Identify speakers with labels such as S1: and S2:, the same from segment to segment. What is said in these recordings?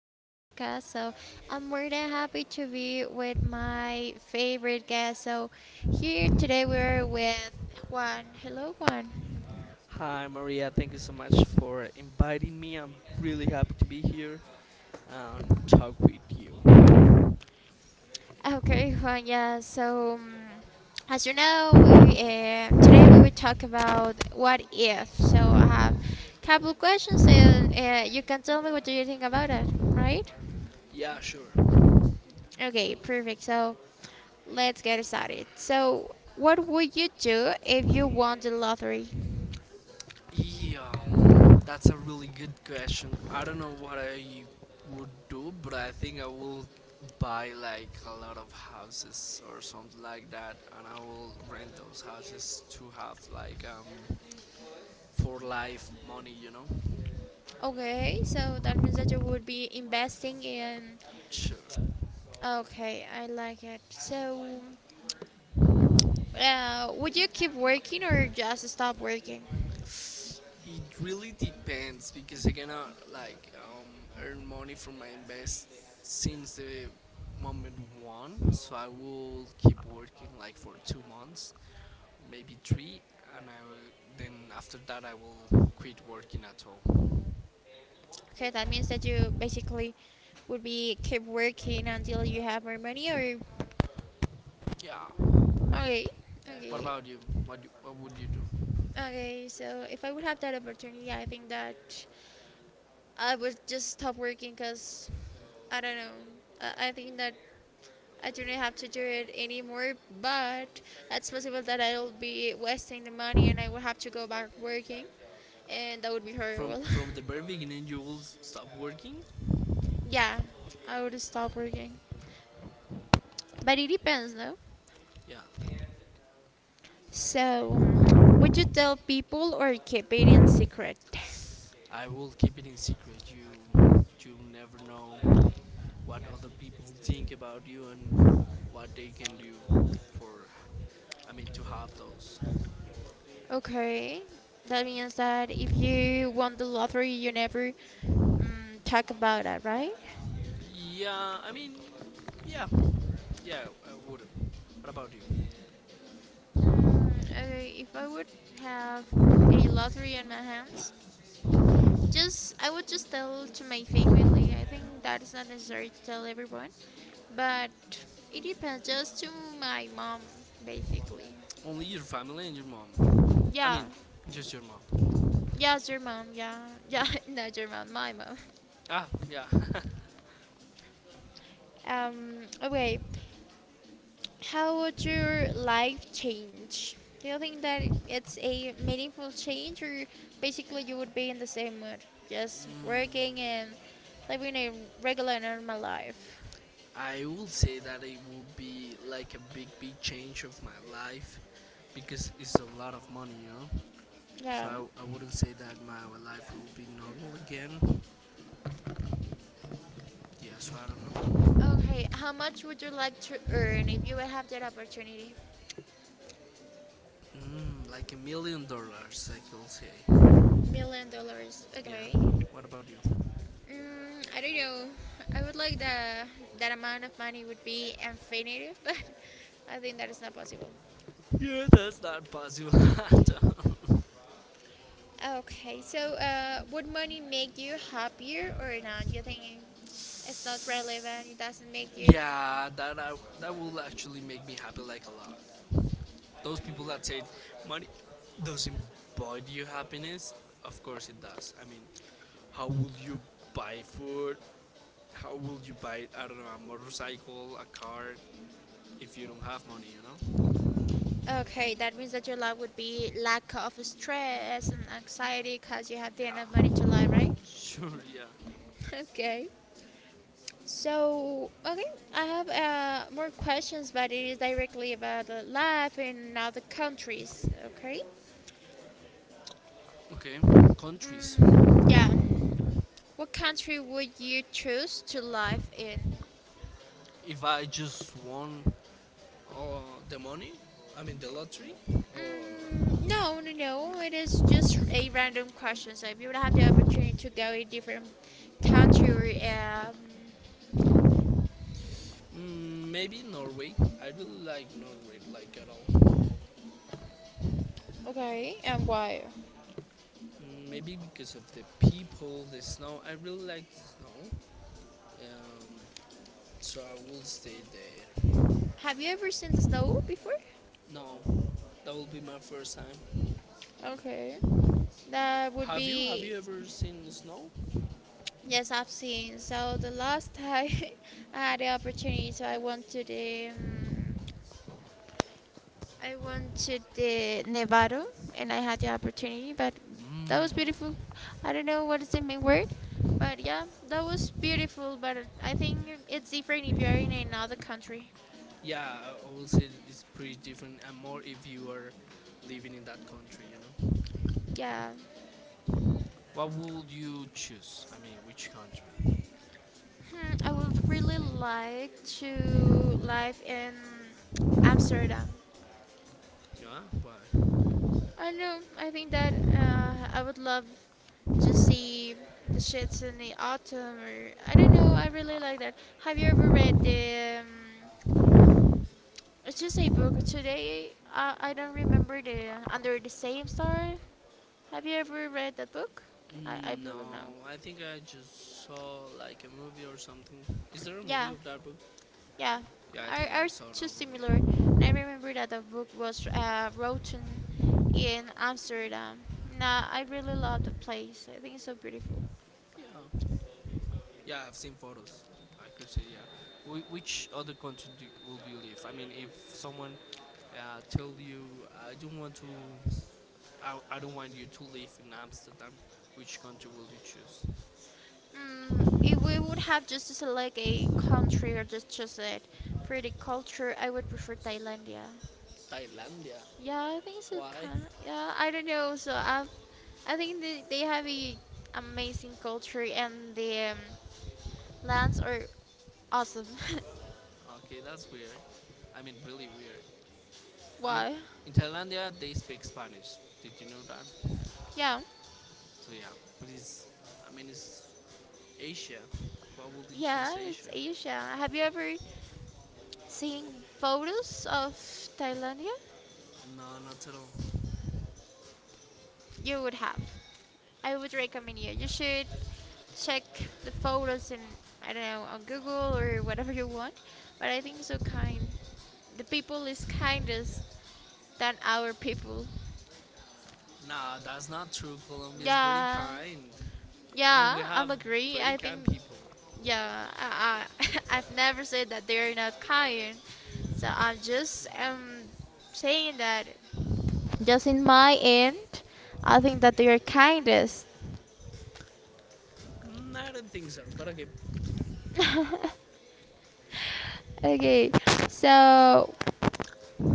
S1: our podcast. I'm more than happy to be with my favorite guest. Here today we're with Juan. Hello, Juan.
S2: Hi, Maria. Thank you so much for inviting me. I'm really happy to be here and talk with you.
S1: Okay, Juan. Yeah. As you know, we today we will talk about what if. So, I have a couple questions, and you can tell me what do you think about it, right?
S2: Yeah, sure.
S1: Okay, perfect. Let's get started. So, what would you do if you won the lottery?
S2: Yeah, that's a really good question. I don't know what I would do, but I think I will buy like a lot of houses or something like that, and I will rent those houses to have like for life money,
S1: Okay, so that means that you would be investing in.
S2: Sure.
S1: Okay, I like it. So, would you keep working or just stop working?
S2: It really depends because I cannot like earn money from my invest since the moment one. So I will keep working like for 2 months, maybe three, and then after that I will quit working at all.
S1: Okay, that means that you basically would be keep working until you have more money or.
S2: Yeah.
S1: Okay,
S2: What
S1: okay.
S2: about you? What would you do?
S1: Okay, so if I would have that opportunity, I think that I would just stop working because I don't know. I think that I don't have to do it anymore, but it's possible that I'll be wasting the money and I will have to go back working, and that would be
S2: From
S1: horrible.
S2: from the very beginning you will stop working?
S1: yeah, I would stop working. But it depends, though.
S2: Yeah.
S1: So, would you tell people or keep it in secret?
S2: I will keep it in secret. You never know what other people think about you and what they can do for I mean to have those.
S1: Okay, that means that if you won the lottery, you never talk about it, right?
S2: Yeah, I mean yeah. Yeah, I would. What about you?
S1: Mm, okay, if I would have a lottery in my hands, just I would just tell to my family. I think that is not necessary to tell everyone, but it depends. Just to my mom, basically.
S2: Only your family and your mom. I
S1: Yeah,
S2: mean, just your mom.
S1: yes, your mom. Yeah, yeah, not your mom, my mom.
S2: Ah, yeah.
S1: Um. Okay. How would your life change? Do you think that it's a meaningful change, or basically you would be in the same mood, just
S2: Mm,
S1: working and living a regular normal life?
S2: I will say that it will be like a big, big change of my life because it's a lot of money.
S1: Yeah.
S2: So I wouldn't say that my life will be normal again. Yeah, so I don't know.
S1: Okay, how much would you like to earn if you would have that opportunity?
S2: Like $1 million, I could say.
S1: $1 million.
S2: Yeah.
S1: Okay.
S2: What about you?
S1: Mm, I don't know. I would like the that amount of money would be infinite, but I think that is not possible.
S2: Yeah, that's not possible. I don't-
S1: Okay, so would money make you happier or not? You think it's not relevant? It doesn't make you.
S2: yeah, that will actually make me happy like a lot. Those people that say money doesn't buy you happiness, of course it does. I mean, how will you buy food? How will you buy, I don't know, a motorcycle, a car, if you don't have money, you know?
S1: Okay, that means that your life would be lack of stress and anxiety because you have the enough money
S2: Yeah,
S1: to live, right?
S2: sure, yeah.
S1: Okay. So, okay, I have more questions, but it is directly about the life in other countries, okay?
S2: Okay, countries.
S1: Mm, yeah. What country would you choose to live in?
S2: If I just won the money, I mean the lottery, or
S1: Mm, no, no, no. It is just a random question. So, if you would have the opportunity to go in different country,
S2: maybe Norway. I really like Norway, like at all.
S1: okay, and why?
S2: Maybe because of the people, the snow. I really like the snow, um, so I will stay there.
S1: Have you ever seen the snow before?
S2: No, that will be my first time.
S1: Okay, that would
S2: Have you
S1: be
S2: ever seen snow?
S1: yes, I've seen. So the last time I had the opportunity, so I went to the I went to the Nevado, and I had the opportunity, but
S2: Mm,
S1: that was beautiful. I don't know what is the main word, but yeah, that was beautiful. But I think it's different if you're in another country.
S2: yeah, I will say that it's pretty different and more if you are living in that country, you know.
S1: Yeah,
S2: What would you choose? I mean, which country?
S1: hmm, I would really like to live in Amsterdam.
S2: Yeah, why?
S1: I don't know. I think that I would love to see the shits in the autumn, or I don't know. I really like that. Have you ever read the? It's just a book. Today, I don't remember the Under the Same Star. Have you ever read that book? I believe no.
S2: No, I think I just saw like a movie or something. Is there a movie
S1: Yeah,
S2: of that book?
S1: yeah.
S2: Yeah, I
S1: Are
S2: think I
S1: are
S2: saw
S1: too
S2: that
S1: similar.
S2: movie.
S1: And I remember that the book was written in Amsterdam. Nah, I really love the place. I think it's so beautiful.
S2: Yeah, yeah, I've seen photos. I could say yeah. Wh- which other country do, would you live? I mean, if someone tell you, I don't want to I don't want you to live in Amsterdam. Which country will you choose?
S1: Mm, if we would have just to select a country or just choose it for the culture, I would prefer Thailandia.
S2: Thailandia.
S1: Yeah, I think so.
S2: Why?
S1: Kind yeah, I don't know. So I've, I think they have a amazing culture and the lands are awesome.
S2: Okay, that's weird. I mean, really weird. I mean,
S1: Why?
S2: in Thailandia they speak Spanish. Did you know that?
S1: Yeah,
S2: So yeah, but it's. I mean, it's Asia. Why would you
S1: yeah,
S2: choose
S1: it's
S2: Asia?
S1: Asia. Have you ever seen photos of Thailandia?
S2: No, not at all.
S1: You would have. I would recommend you. You should check the photos in I don't know on Google or whatever you want. But I think so kind. The people is kindest than our people.
S2: Nah, that's not true. Colombia is very
S1: Yeah,
S2: kind. I mean,
S1: yeah,
S2: we have
S1: I'm agree.
S2: very
S1: I think
S2: kind people.
S1: yeah, I I've never said that they're not kind. So I'm just saying that just in my end, I think that they are kindest.
S2: I don't think so, but okay.
S1: Okay, so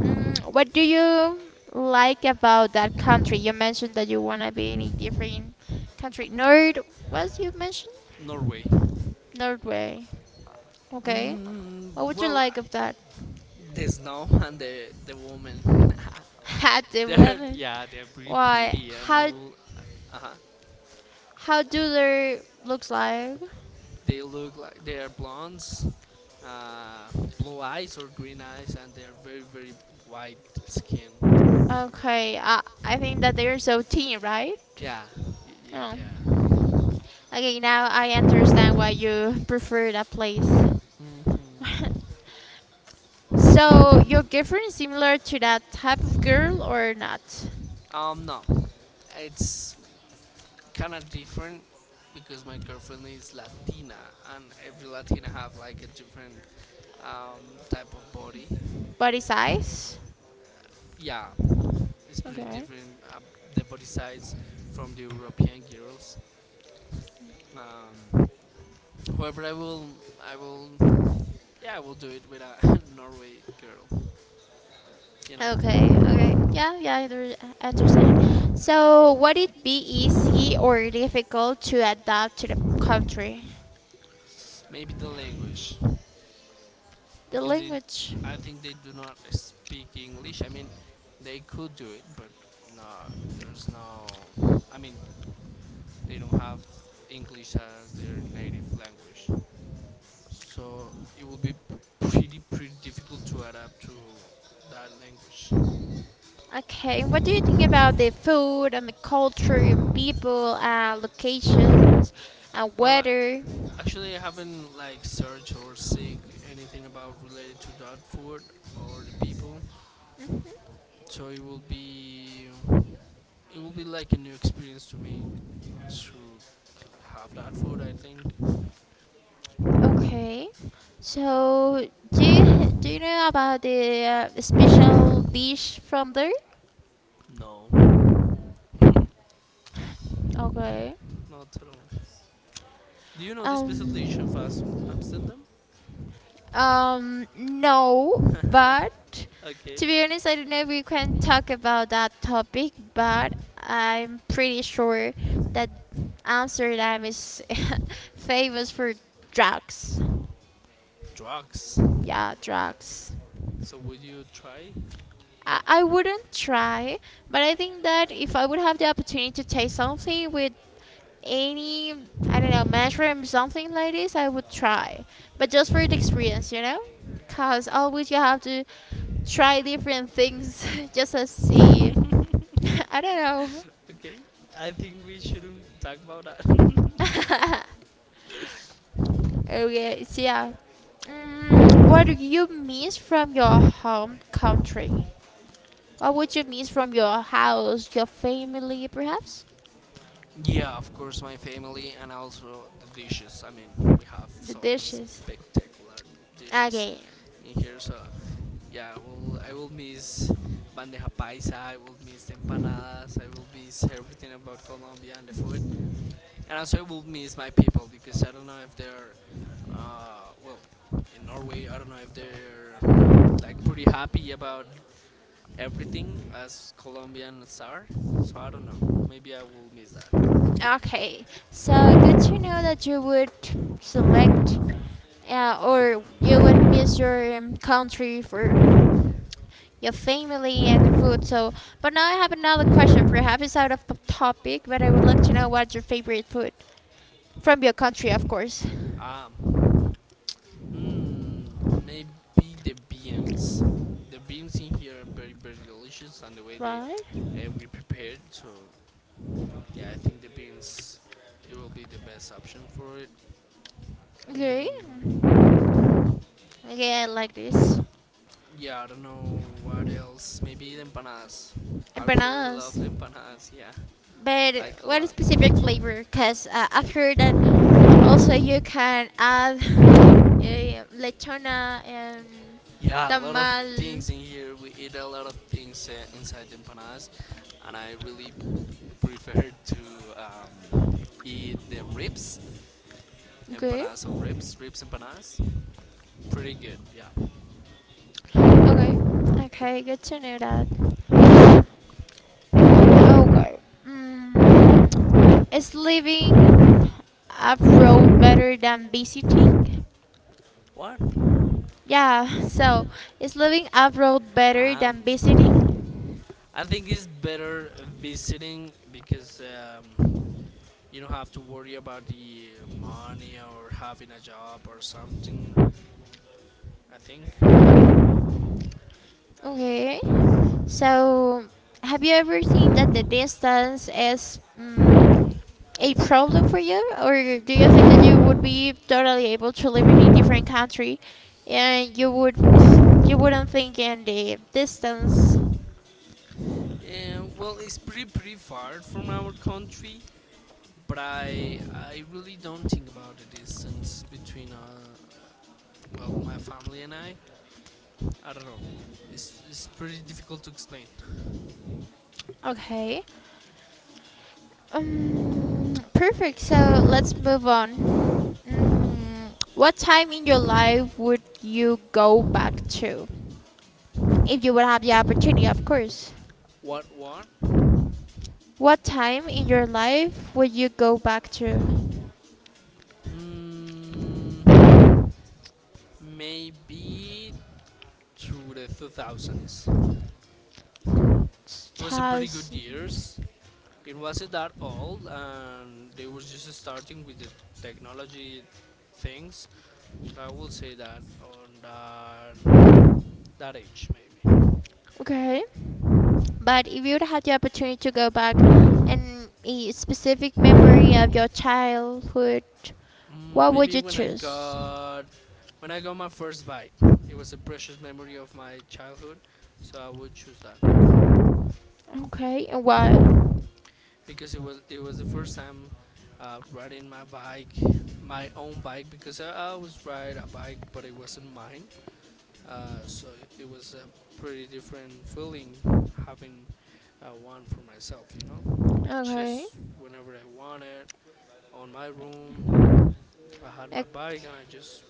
S1: mm, what do you like about that country? You mentioned that you wanna be in a different country. Nord was you mentioned?
S2: Norway.
S1: Norway. Okay. What would you
S2: Well,
S1: like of that?
S2: the snow and the woman.
S1: Had the weather.
S2: They're pretty
S1: Why?
S2: pretty, and I will. Uh huh.
S1: How do they looks like?
S2: They look like they are blondes, uh, blue eyes or green eyes, and they are very very white skin.
S1: Okay, I think that they are so thin, right?
S2: Yeah, y- yeah,
S1: Oh.
S2: they are.
S1: Okay, now I understand why you prefer that place.
S2: Hmm
S1: So your girlfriend is similar to that type of girl or not?
S2: No, it's kind of different because my girlfriend is Latina, and every Latina have like a different type of body.
S1: Body size?
S2: Yeah, it's pretty
S1: Okay.
S2: different. The body size from the European girls. Um, however, I will, yeah, I will do it with a Norway girl. You know.
S1: Okay. Okay. Yeah. Yeah. I understand. So, would it be easy or difficult to adapt to the country,
S2: Maybe the language
S1: the
S2: because they,
S1: language?
S2: I think they do not speak English. I mean, they could do it, but no, there's no. I mean, they don't have English as their native language, so it will be pretty pretty difficult to adapt to that language.
S1: Okay. What do you think about the food and the culture and people and locations and
S2: Well, I,
S1: weather?
S2: actually, I haven't like searched or seek anything about related to that food or the people, so it will be like a new experience to me to half that food, I think.
S1: Okay. So, do you know about the special dish from there?
S2: No. Not
S1: Okay.
S2: at all. Do you know the special dish
S1: Um.
S2: of Amst- Amsterdam?
S1: No, but
S2: okay.
S1: to be honest, I don't know if we can talk about that topic, but I'm pretty sure that Amsterdam is famous for drugs.
S2: Drugs.
S1: Yeah, drugs.
S2: So would you try? I
S1: I wouldn't
S2: wouldn't try,
S1: try, but
S2: but
S1: I
S2: I think
S1: think
S2: that
S1: that
S2: if
S1: if I
S2: I
S1: would
S2: would
S1: have
S2: have
S1: the
S2: the
S1: opportunity to
S2: opportunity to take
S1: taste
S2: something
S1: something
S2: really
S1: with
S2: measure
S1: any I don't know
S2: of
S1: mushroom something
S2: something
S1: like
S2: like this,
S1: this,
S2: I
S1: I would
S2: would try.
S1: try,
S2: But
S1: but
S2: just
S1: just for the
S2: with this
S1: experience,
S2: experience,
S1: you know,
S2: you know,
S1: cause
S2: because I
S1: always you have to
S2: always have to
S1: try
S2: try
S1: different things just to see.
S2: different things just as a try.
S1: I don't know.
S2: Okay, I think we shouldn't talk about that.
S1: okay, so yeah.
S2: Yeah. What do
S1: Mm,
S2: you
S1: what do
S2: wish
S1: you miss from your
S2: travel
S1: home
S2: offered?
S1: country? What would you miss from your house, your family, perhaps?
S2: Yeah, of course, my family and also the dishes. I mean, we have
S1: The
S2: some
S1: dishes.
S2: spectacular dishes
S1: Okay.
S2: in here. So, yeah, I will miss bandeja paisa. I will miss the empanadas. I will miss everything about Colombia and the food. And also, I will miss my people because I don't know if they're, well, in Norway, I don't know if they're like pretty happy about everything as Colombians are. So I don't know. Maybe I will miss that.
S1: Okay. So good to know that you would select yeah, or you would miss your country for your family and the food. So, but now I have another question. Perhaps it's out of the topic, but I would like to know what's your favorite food from your country, of course.
S2: Um, maybe the beans. The beans in here are very very delicious, and the way they
S1: Right?
S2: we prepared. So yeah, I think the beans it will be the best option for it.
S1: Okay.
S2: Mm,
S1: Okay, I like this.
S2: yeah, I don't know what else. Maybe the empanadas. I really
S1: Empanadas.
S2: love the empanadas. Yeah,
S1: But
S2: like a
S1: what
S2: lot.
S1: specific flavor? Because I've heard that also you can add lechona and
S2: Yeah, a lot of
S1: tamal.
S2: things in here. We eat a lot of things inside the empanadas, and I really prefer to eat the ribs
S1: Okay.
S2: empanadas of ribs, ribs empanadas. Pretty good, yeah.
S1: Okay. Okay, good to know that. Okay. Mm, is living abroad better than visiting?
S2: What?
S1: Yeah, so is living abroad better
S2: Um,
S1: than visiting?
S2: I think it's better visiting because you don't have to worry about the money or having a job or something. I think.
S1: Okay. So, have you ever seen that the distance is a problem
S2: Mm.
S1: for you, or do you think that you would be totally able to live in a different country, and you would you wouldn't think in the distance?
S2: Well, it's pretty pretty far from our country, but I really don't think about the distance between well my family and I. I don't know. It's pretty difficult to explain.
S1: Okay. Perfect. So let's move on. Mm, what time in your life would you go back to? If you would have the opportunity, of course.
S2: What what?
S1: What time in your life would you go back to?
S2: Mm, maybe to the 2000s. It was a pretty good
S1: 2000.
S2: years. It wasn't that old, and they were just starting with the technology things. So I will say that on that that age, maybe.
S1: Okay. But if you would have the opportunity to go back and a specific memory of your childhood,
S2: Mm,
S1: what would
S2: maybe
S1: you
S2: when I
S1: choose?
S2: got when I got my first bike, it was a precious memory of my childhood, so I would choose that
S1: Okay. And why?
S2: because it was the first time riding my bike, my own bike because I always ride a bike, but it wasn't mine. So it was a pretty different feeling having one for myself, you know.
S1: Okay.
S2: Just whenever I want it on my room. I had my bike
S1: Ec-
S2: and I just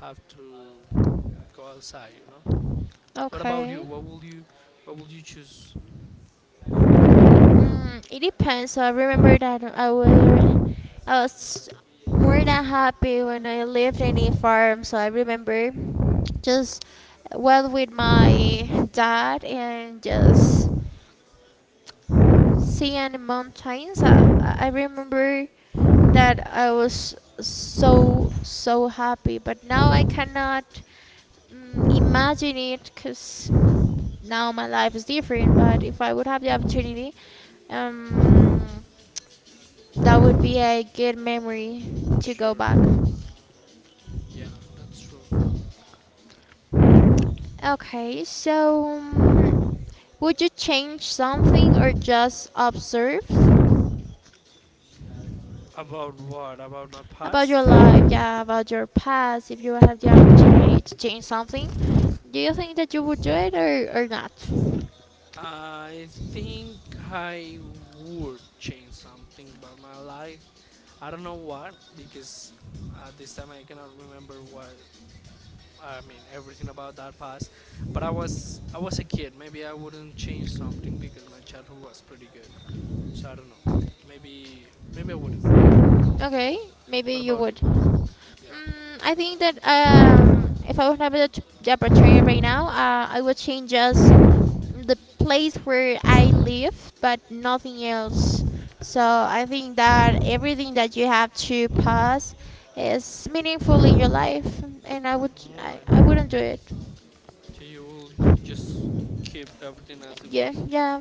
S2: have to go outside, you know. What about you?
S1: Okay.
S2: What will you choose?
S1: Mm, it depends. I remember that I was more than happy when I lived in a farm. So I remember just well with my dad and just seeing the mountains. I remember that I was so so happy. But now I cannot imagine it because now my life is different. But if I would have the opportunity, um that would be a good memory to go back.
S2: Sure. Yeah, that's true.
S1: Okay, so would you change something or just observe
S2: About what? About my
S1: about your
S2: past?
S1: life? Yeah, about your past. If you had the opportunity to change something, do you think that you would do it or not?
S2: I think I would change something about my life. I don't know what because at this time I cannot remember what I mean everything about that past. But I was a kid. Maybe I wouldn't change something because my childhood was pretty good. So I don't know. Maybe I wouldn't.
S1: Okay, maybe
S2: What
S1: you
S2: about you?
S1: would.
S2: Yeah.
S1: Mm, I think that if I would have the opportunity right now, I would change just the place where I live, but nothing else. So I think that everything that you have to pass is meaningful in your life, and I would I
S2: Alright.
S1: wouldn't do it.
S2: So you will just keep everything as it
S1: Yeah,
S2: was.
S1: yeah,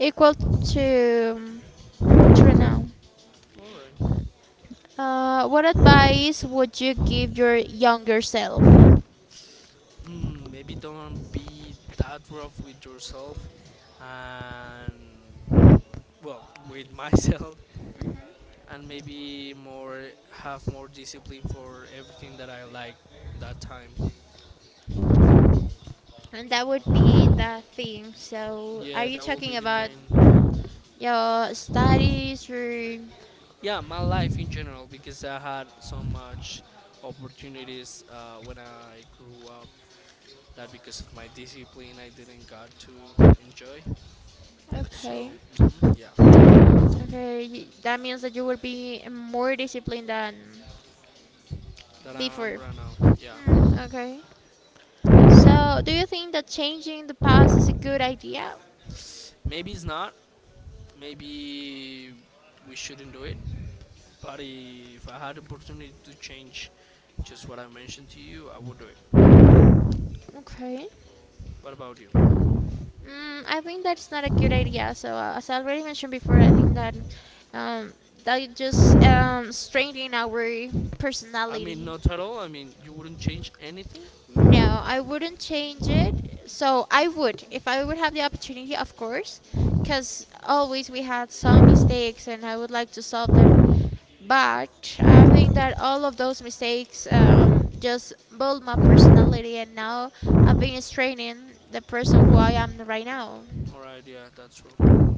S1: equal to to right now.
S2: Alright.
S1: What advice would you give your younger self?
S2: Hmm, maybe don't be that rough with yourself and well, with myself and maybe more have more discipline for everything that I like that time.
S1: And that would be the thing. So, are
S2: Yeah,
S1: you
S2: that will
S1: talking
S2: be the
S1: about
S2: main
S1: your studies or?
S2: yeah, my life in general because I had so much opportunities when I grew up that because of my discipline I didn't got to enjoy so
S1: Okay.
S2: mhm, yeah
S1: Okay, that means that you will be more disciplined than
S2: that I'm
S1: before.
S2: right now yeah.
S1: Hmm, okay. So, do you think that changing the past is a good idea?
S2: maybe it's not, maybe we shouldn't do it, but if I had opportunity to change just what I mentioned to you I would do it.
S1: Okay.
S2: What about you?
S1: Mm, I think that's not a good idea. So, as I already mentioned before, I think that um, that it just strengthening our
S2: I mean
S1: personality.
S2: not at all, I mean you wouldn't change anything.
S1: No, I wouldn't change it. So I would, if I would have the opportunity, of course, because always we had some mistakes, and I would like to solve them. But I think that all of those mistakes just build my personality, and now I've been straining the person who I am right now.
S2: All right yeah, that's true.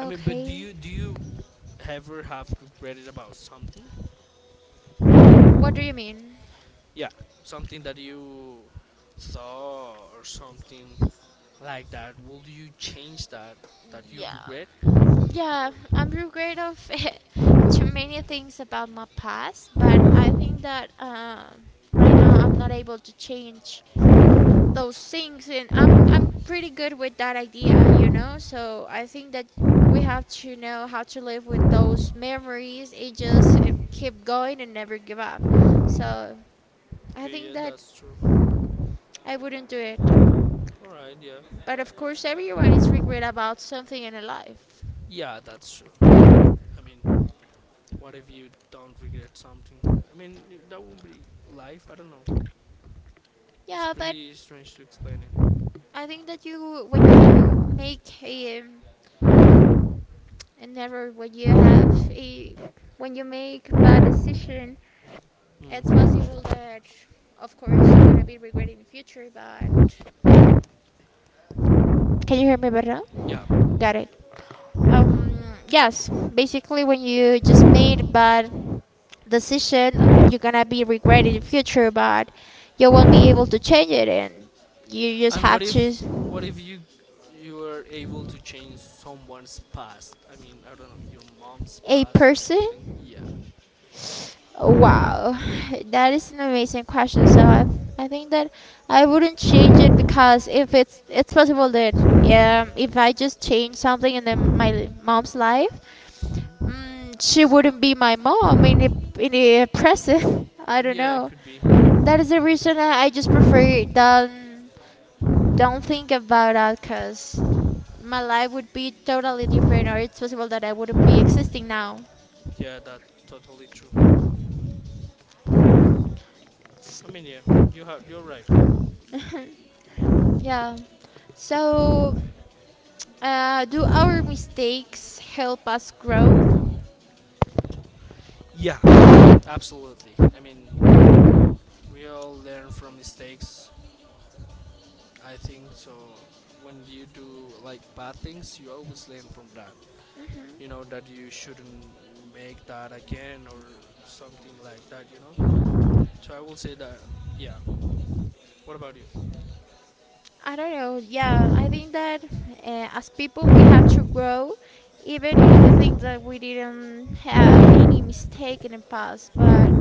S2: I mean, but do you do you ever have regretted about something?
S1: what do you mean?
S2: Yeah, something that you saw or something like that. Would you change that you
S1: Yeah,
S2: regret?
S1: yeah,
S2: Or
S1: I'm regret of too many things about my past, but I think that right now I'm not able to change those things and I'm pretty good with that idea, you know? So I think that we have to know how to live with those memories and just keep going and never give up. So I
S2: okay,
S1: think
S2: yeah,
S1: that
S2: that's true.
S1: I wouldn't do it.
S2: All right, yeah,
S1: But of course everyone is regret about something in their life.
S2: yeah, that's true. I mean, what if you don't regret something? I mean, that would be life. I don't know. It's
S1: Yeah, but
S2: pretty strange to explain it.
S1: I think that you when you make a and never when you have a when you make bad decision it's
S2: Hmm.
S1: possible that, of course, you're gonna be regretting the future, but can you hear me better now?
S2: Yeah.
S1: Got it. Um,
S2: Yes,
S1: yes,
S2: ba-
S1: basically, when
S2: basically
S1: you
S2: when
S1: just made
S2: you explain
S1: bad
S2: that the system is
S1: decision,
S2: gonna
S1: you're gonna be
S2: be alright in
S1: regretting
S2: the
S1: the future,
S2: future,
S1: but
S2: but
S1: you
S2: you
S1: won't be
S2: won't
S1: able
S2: be
S1: to
S2: able to
S1: change
S2: change
S1: it, and you
S2: it.
S1: just
S2: And
S1: have
S2: what
S1: to
S2: if you you were able to change someone's past? I mean, I don't know, your mom's
S1: a
S2: past or person. Something.
S1: person.
S2: Yeah. That is an amazing
S1: Wow, that is an amazing
S2: question. I
S1: question. So
S2: wouldn't
S1: I think that
S2: change
S1: I wouldn't change it
S2: it
S1: because
S2: because
S1: if
S2: if
S1: it's it's
S2: it's
S1: possible
S2: possible that
S1: that if I
S2: if I
S1: just
S2: just
S1: change
S2: change
S1: something in the,
S2: something
S1: my
S2: in my
S1: mom's
S2: mom's
S1: life,
S2: life
S1: mm, she wouldn't be my mom
S2: uh,
S1: in the present. I don't
S2: yeah, it
S1: know.
S2: could be.
S1: That is the reason I just prefer don't think about that because my life would be totally different or
S2: um,
S1: it's possible that I wouldn't be existing now.
S2: Yeah, that's totally true. I mean, yeah, you're right.
S1: Yeah. So do our mistakes help us grow?
S2: Yeah, absolutely. I mean, we all learn from mistakes. I think so. When you do like bad things, you always learn from that. You know that you shouldn't make that again or something like that. So I will say that, yeah. What about you?
S1: I don't know. Yeah, I think that as people we have to grow, even if we think that we didn't have any mistake in the past. But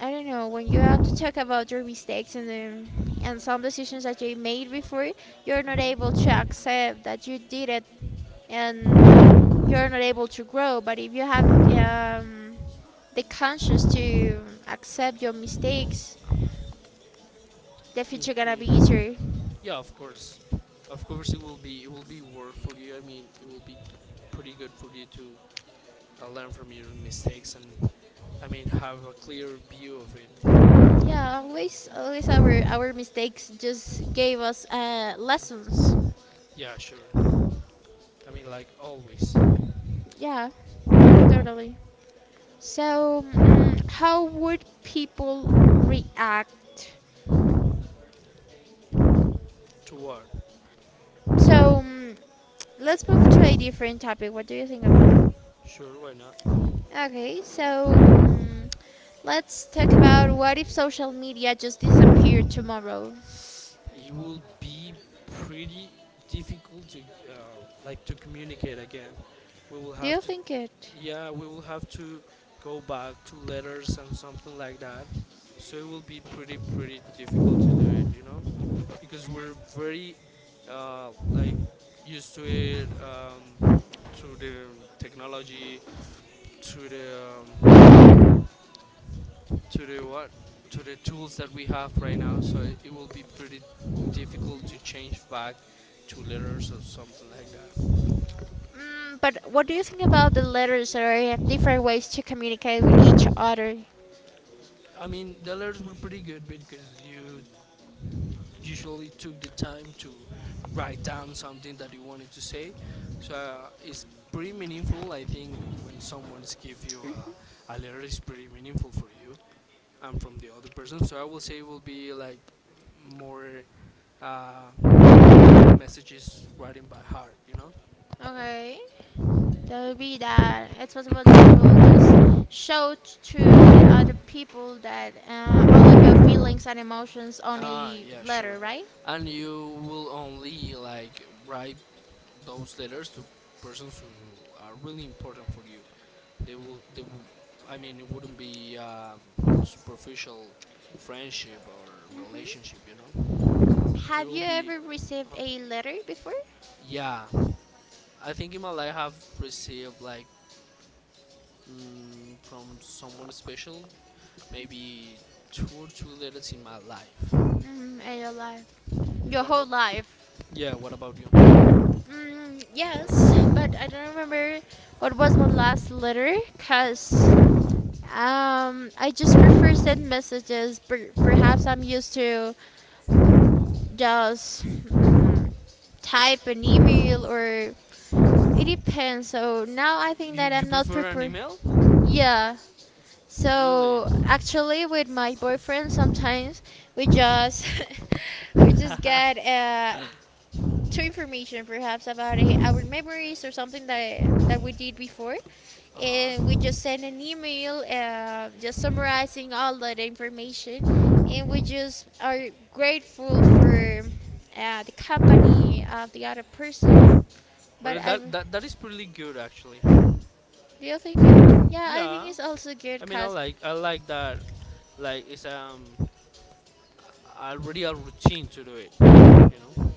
S1: I don't know. When you have to talk about your mistakes and and some decisions that you made before, you're not able to accept that you did it, and you're not able to grow. But if you have the conscience to accept your mistakes the future gonna
S2: Okay.
S1: be easier.
S2: Yeah, of course, of course it will be, it will be worth for you, I mean it will be pretty good for you to learn from your mistakes and, I mean, have a clear view of it.
S1: Yeah, always, always our mistakes just gave us lessons.
S2: Yeah, sure. I mean, like, always.
S1: Yeah, totally. So, how would people react?
S2: To what?
S1: So, let's move to a different topic. What do you think about it?
S2: Sure, why not.
S1: Okay, so let's talk about what if social media just disappeared tomorrow?
S2: It will be pretty difficult to like to communicate again. We will
S1: Do
S2: have
S1: you
S2: to,
S1: think it?
S2: yeah, we will have to go back to letters and something like that. So it will be pretty pretty difficult to do it, because we're very like used to it, through the technology, through the to the what, to the tools that we have right now. So it will be pretty difficult to change back to letters or something like that.
S1: Mm, but what do you think about the letters or different ways to communicate with each other?
S2: I mean, the letters were pretty good because you usually took the time to write down something that you wanted to say. So it's pretty meaningful. I think when someone's give you a letter, it's pretty meaningful for you and from the other person. So I will say it will be like more uh, messages writing by heart, you know?
S1: Okay, that will be that it's possible that you will just show to the other people that all of your feelings and emotions on
S2: Ah,
S1: a
S2: yeah, sure.
S1: letter, right?
S2: And you will only like write those letters to persons who are really important for you. They will, I mean, it wouldn't be superficial friendship or
S1: Hmm.
S2: relationship, you know? It
S1: Have
S2: will
S1: you
S2: be,
S1: ever received
S2: uh
S1: a letter before?
S2: yeah. I think in my life I've received like from someone special, maybe two or three letters in my life.
S1: Mm, in your life, your
S2: What
S1: whole
S2: about,
S1: life.
S2: yeah, what about you?
S1: Mm, yes, but I don't remember what was my last letter, cause I just prefer send messages. Perhaps I'm used to just type an email or it depends. So now I think
S2: You,
S1: that
S2: you
S1: I'm not
S2: prefer an
S1: prepared.
S2: email?
S1: Yeah.
S2: Really?
S1: So actually, with my boyfriend, sometimes we just we just
S2: uh
S1: get two information, perhaps about our memories or something that we did before, and we
S2: huh.
S1: just send an email, just summarizing all that information, and we just are grateful for the company of the other person. But
S2: Well,
S1: I
S2: that is pretty good actually.
S1: do you think it? Yeah, I think
S2: Yeah,
S1: it's also good
S2: I mean, I
S1: because,
S2: like I like that. Like it's already a routine to do it. You know,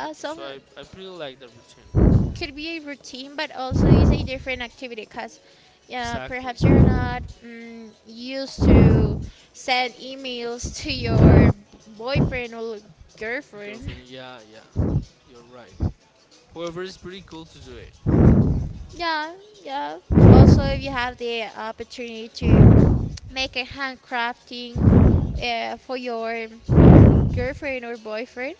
S2: so
S1: some
S2: so I I pretty like the routine.
S1: could be a routine, but also is a different activity because, yeah,
S2: Exactly.
S1: perhaps you're not used to send emails to your boyfriend or girlfriend.
S2: Girlfriend. Yeah, yeah. You're right. However, it's pretty cool to do it.
S1: Yeah, yeah. Also, if you have the opportunity to make a handcrafting for your girlfriend or boyfriend,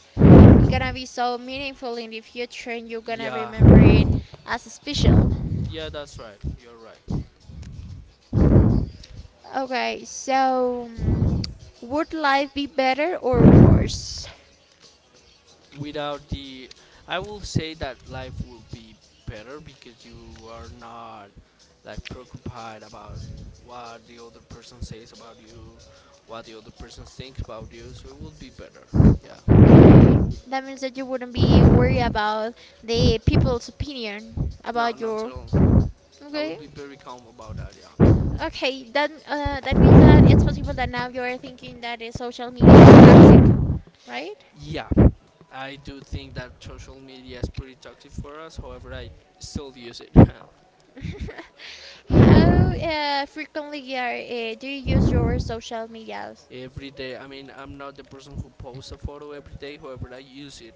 S1: it's gonna be so meaningful in the future and you're gonna
S2: Yeah.
S1: remember it as special.
S2: Yeah, that's right. You're right.
S1: Okay, so would life be better or worse?
S2: Without the, I will say that life will be better because you are not like preoccupied about what the other person says about you, what the other person thinks about you, so it will be better. Yeah.
S1: Okay, that means that you wouldn't be worried about the people's opinion
S2: No,
S1: about
S2: not at
S1: your.
S2: all. I will
S1: Okay,
S2: be very calm about that, yeah.
S1: okay, that that means that it's possible that now you are thinking that the social media is toxic, right?
S2: Yeah, I do think that social media is pretty toxic for us, however I still use it.
S1: How frequently are, do you use your social media?
S2: Every day. I mean, I'm not the person who posts a photo every day. However, I use it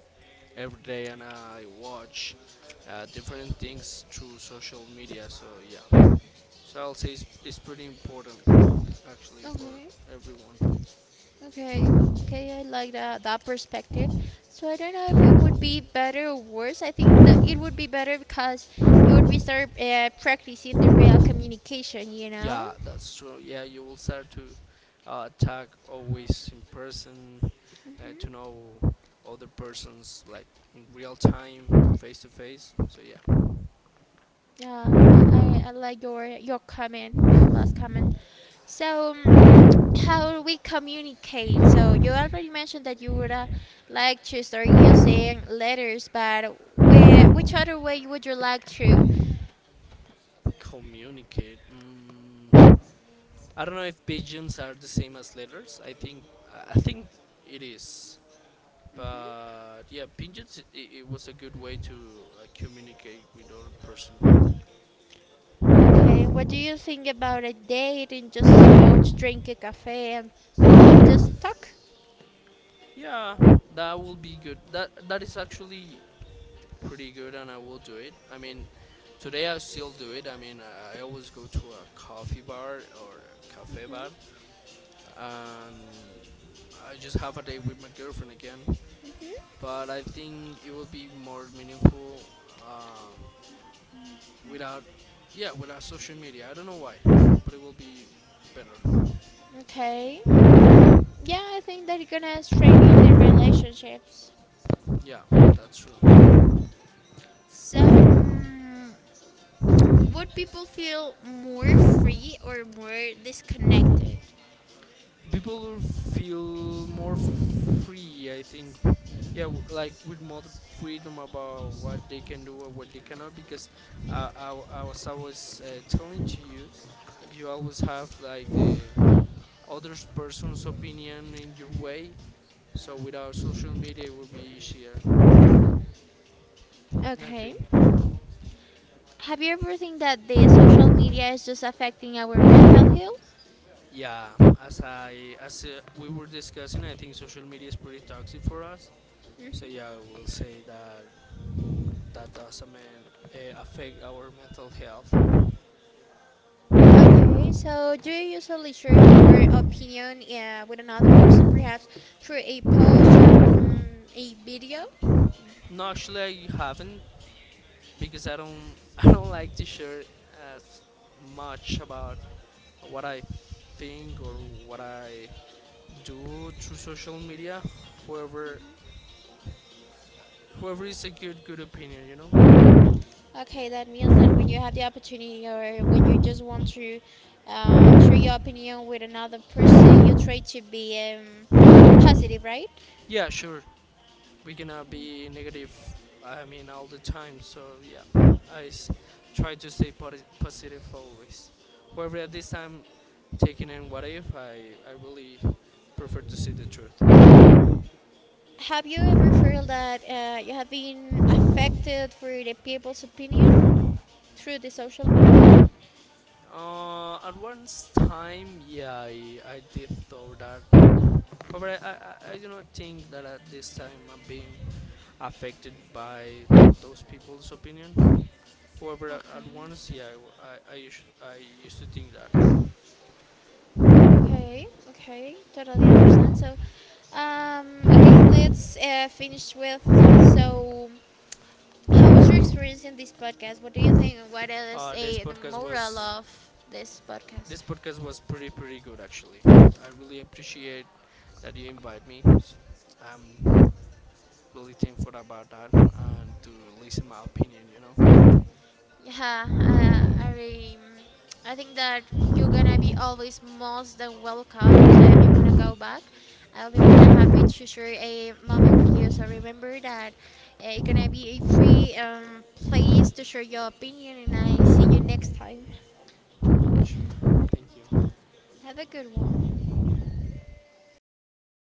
S2: every day, and I watch different things through social media. So yeah, so I'll say it's pretty important actually for
S1: Okay.
S2: everyone.
S1: Okay, okay, I like that that perspective. So I don't know if it would be better or worse. I think that it would be better because you would be start practicing the real communication. You know.
S2: Yeah, that's true. Yeah, you will start to talk always in person, to
S1: Hmm.
S2: know other persons like in real time, face to face. So yeah.
S1: Yeah, I like your comment, your last comment. So how we communicate? So you already mentioned that you would like to start using letters, but where which other way would you like to?
S2: Communicate. Mm, I don't know if pigeons are the same as letters. I think it is. But yeah, pigeons. It was a good way to communicate with other person.
S1: Okay, what do you think about a date and just go to drink a cafe and just talk?
S2: Yeah, that will be good. That is actually pretty good and I will do it. I mean, today I still do it. I mean, I always go to a coffee bar or a cafe bar
S1: Mm-hmm.
S2: and I just have a date with my girlfriend again. But I think it will be more meaningful uh, without, yeah, without social media. I don't know why, but it will be better.
S1: Okay. Yeah, I think that are gonna strengthen the relationships.
S2: Yeah, that's true.
S1: So, would people feel more free or more disconnected?
S2: People will feel more free, I think. Yeah, like with more freedom about what they can do or what they cannot, because I was telling to you, you always have like the other person's opinion in your way, so without social media it would be easier, I
S1: Okay.
S2: think.
S1: Have you ever think that the social media is just affecting our mental health?
S2: Yeah. As I as we were discussing, I think social media is pretty toxic for us. So
S1: Hmm.
S2: yeah, I will say that that doesn't mean, affect our mental health.
S1: Okay, so do you usually share your opinion with another person, perhaps through a post or a video?
S2: No, actually, I haven't because I don't I don't like to share as much about what I think or what I do through social media. Whoever whoever is a good opinion, you know.
S1: Okay, that means that when you have the opportunity or when you just want to share your opinion with another person, you try to be positive, right?
S2: Yeah, sure. We gonna be negative. I mean, all the time. So yeah, try to stay positive always. However, at this time, taking in what if, I really prefer to see the truth.
S1: Have you ever felt that you have been affected for the people's opinion through the social media?
S2: At one time, yeah, I did thought that. However, I do not think that at this time I'm being affected by those people's opinion. However, at
S1: Okay.
S2: once, yeah, I used to think that.
S1: Okay, okay, totally understand. So, okay, let's finish with. So, how was your experience in this podcast? What do you think? And what is
S2: Uh, this
S1: a, the
S2: podcast
S1: moral
S2: was
S1: of this podcast?
S2: This podcast was pretty pretty good actually. I really appreciate that you invite me. I'm really thankful about that and to listen my opinion. You know.
S1: Yeah, um, I think that you're gonna be always most than welcome. So if you wanna go back, I'll be more than happy to share a moment with you. So remember that it's gonna be a free place to share your opinion, and I see you next time.
S2: Sure. Thank you.
S1: Have a good one.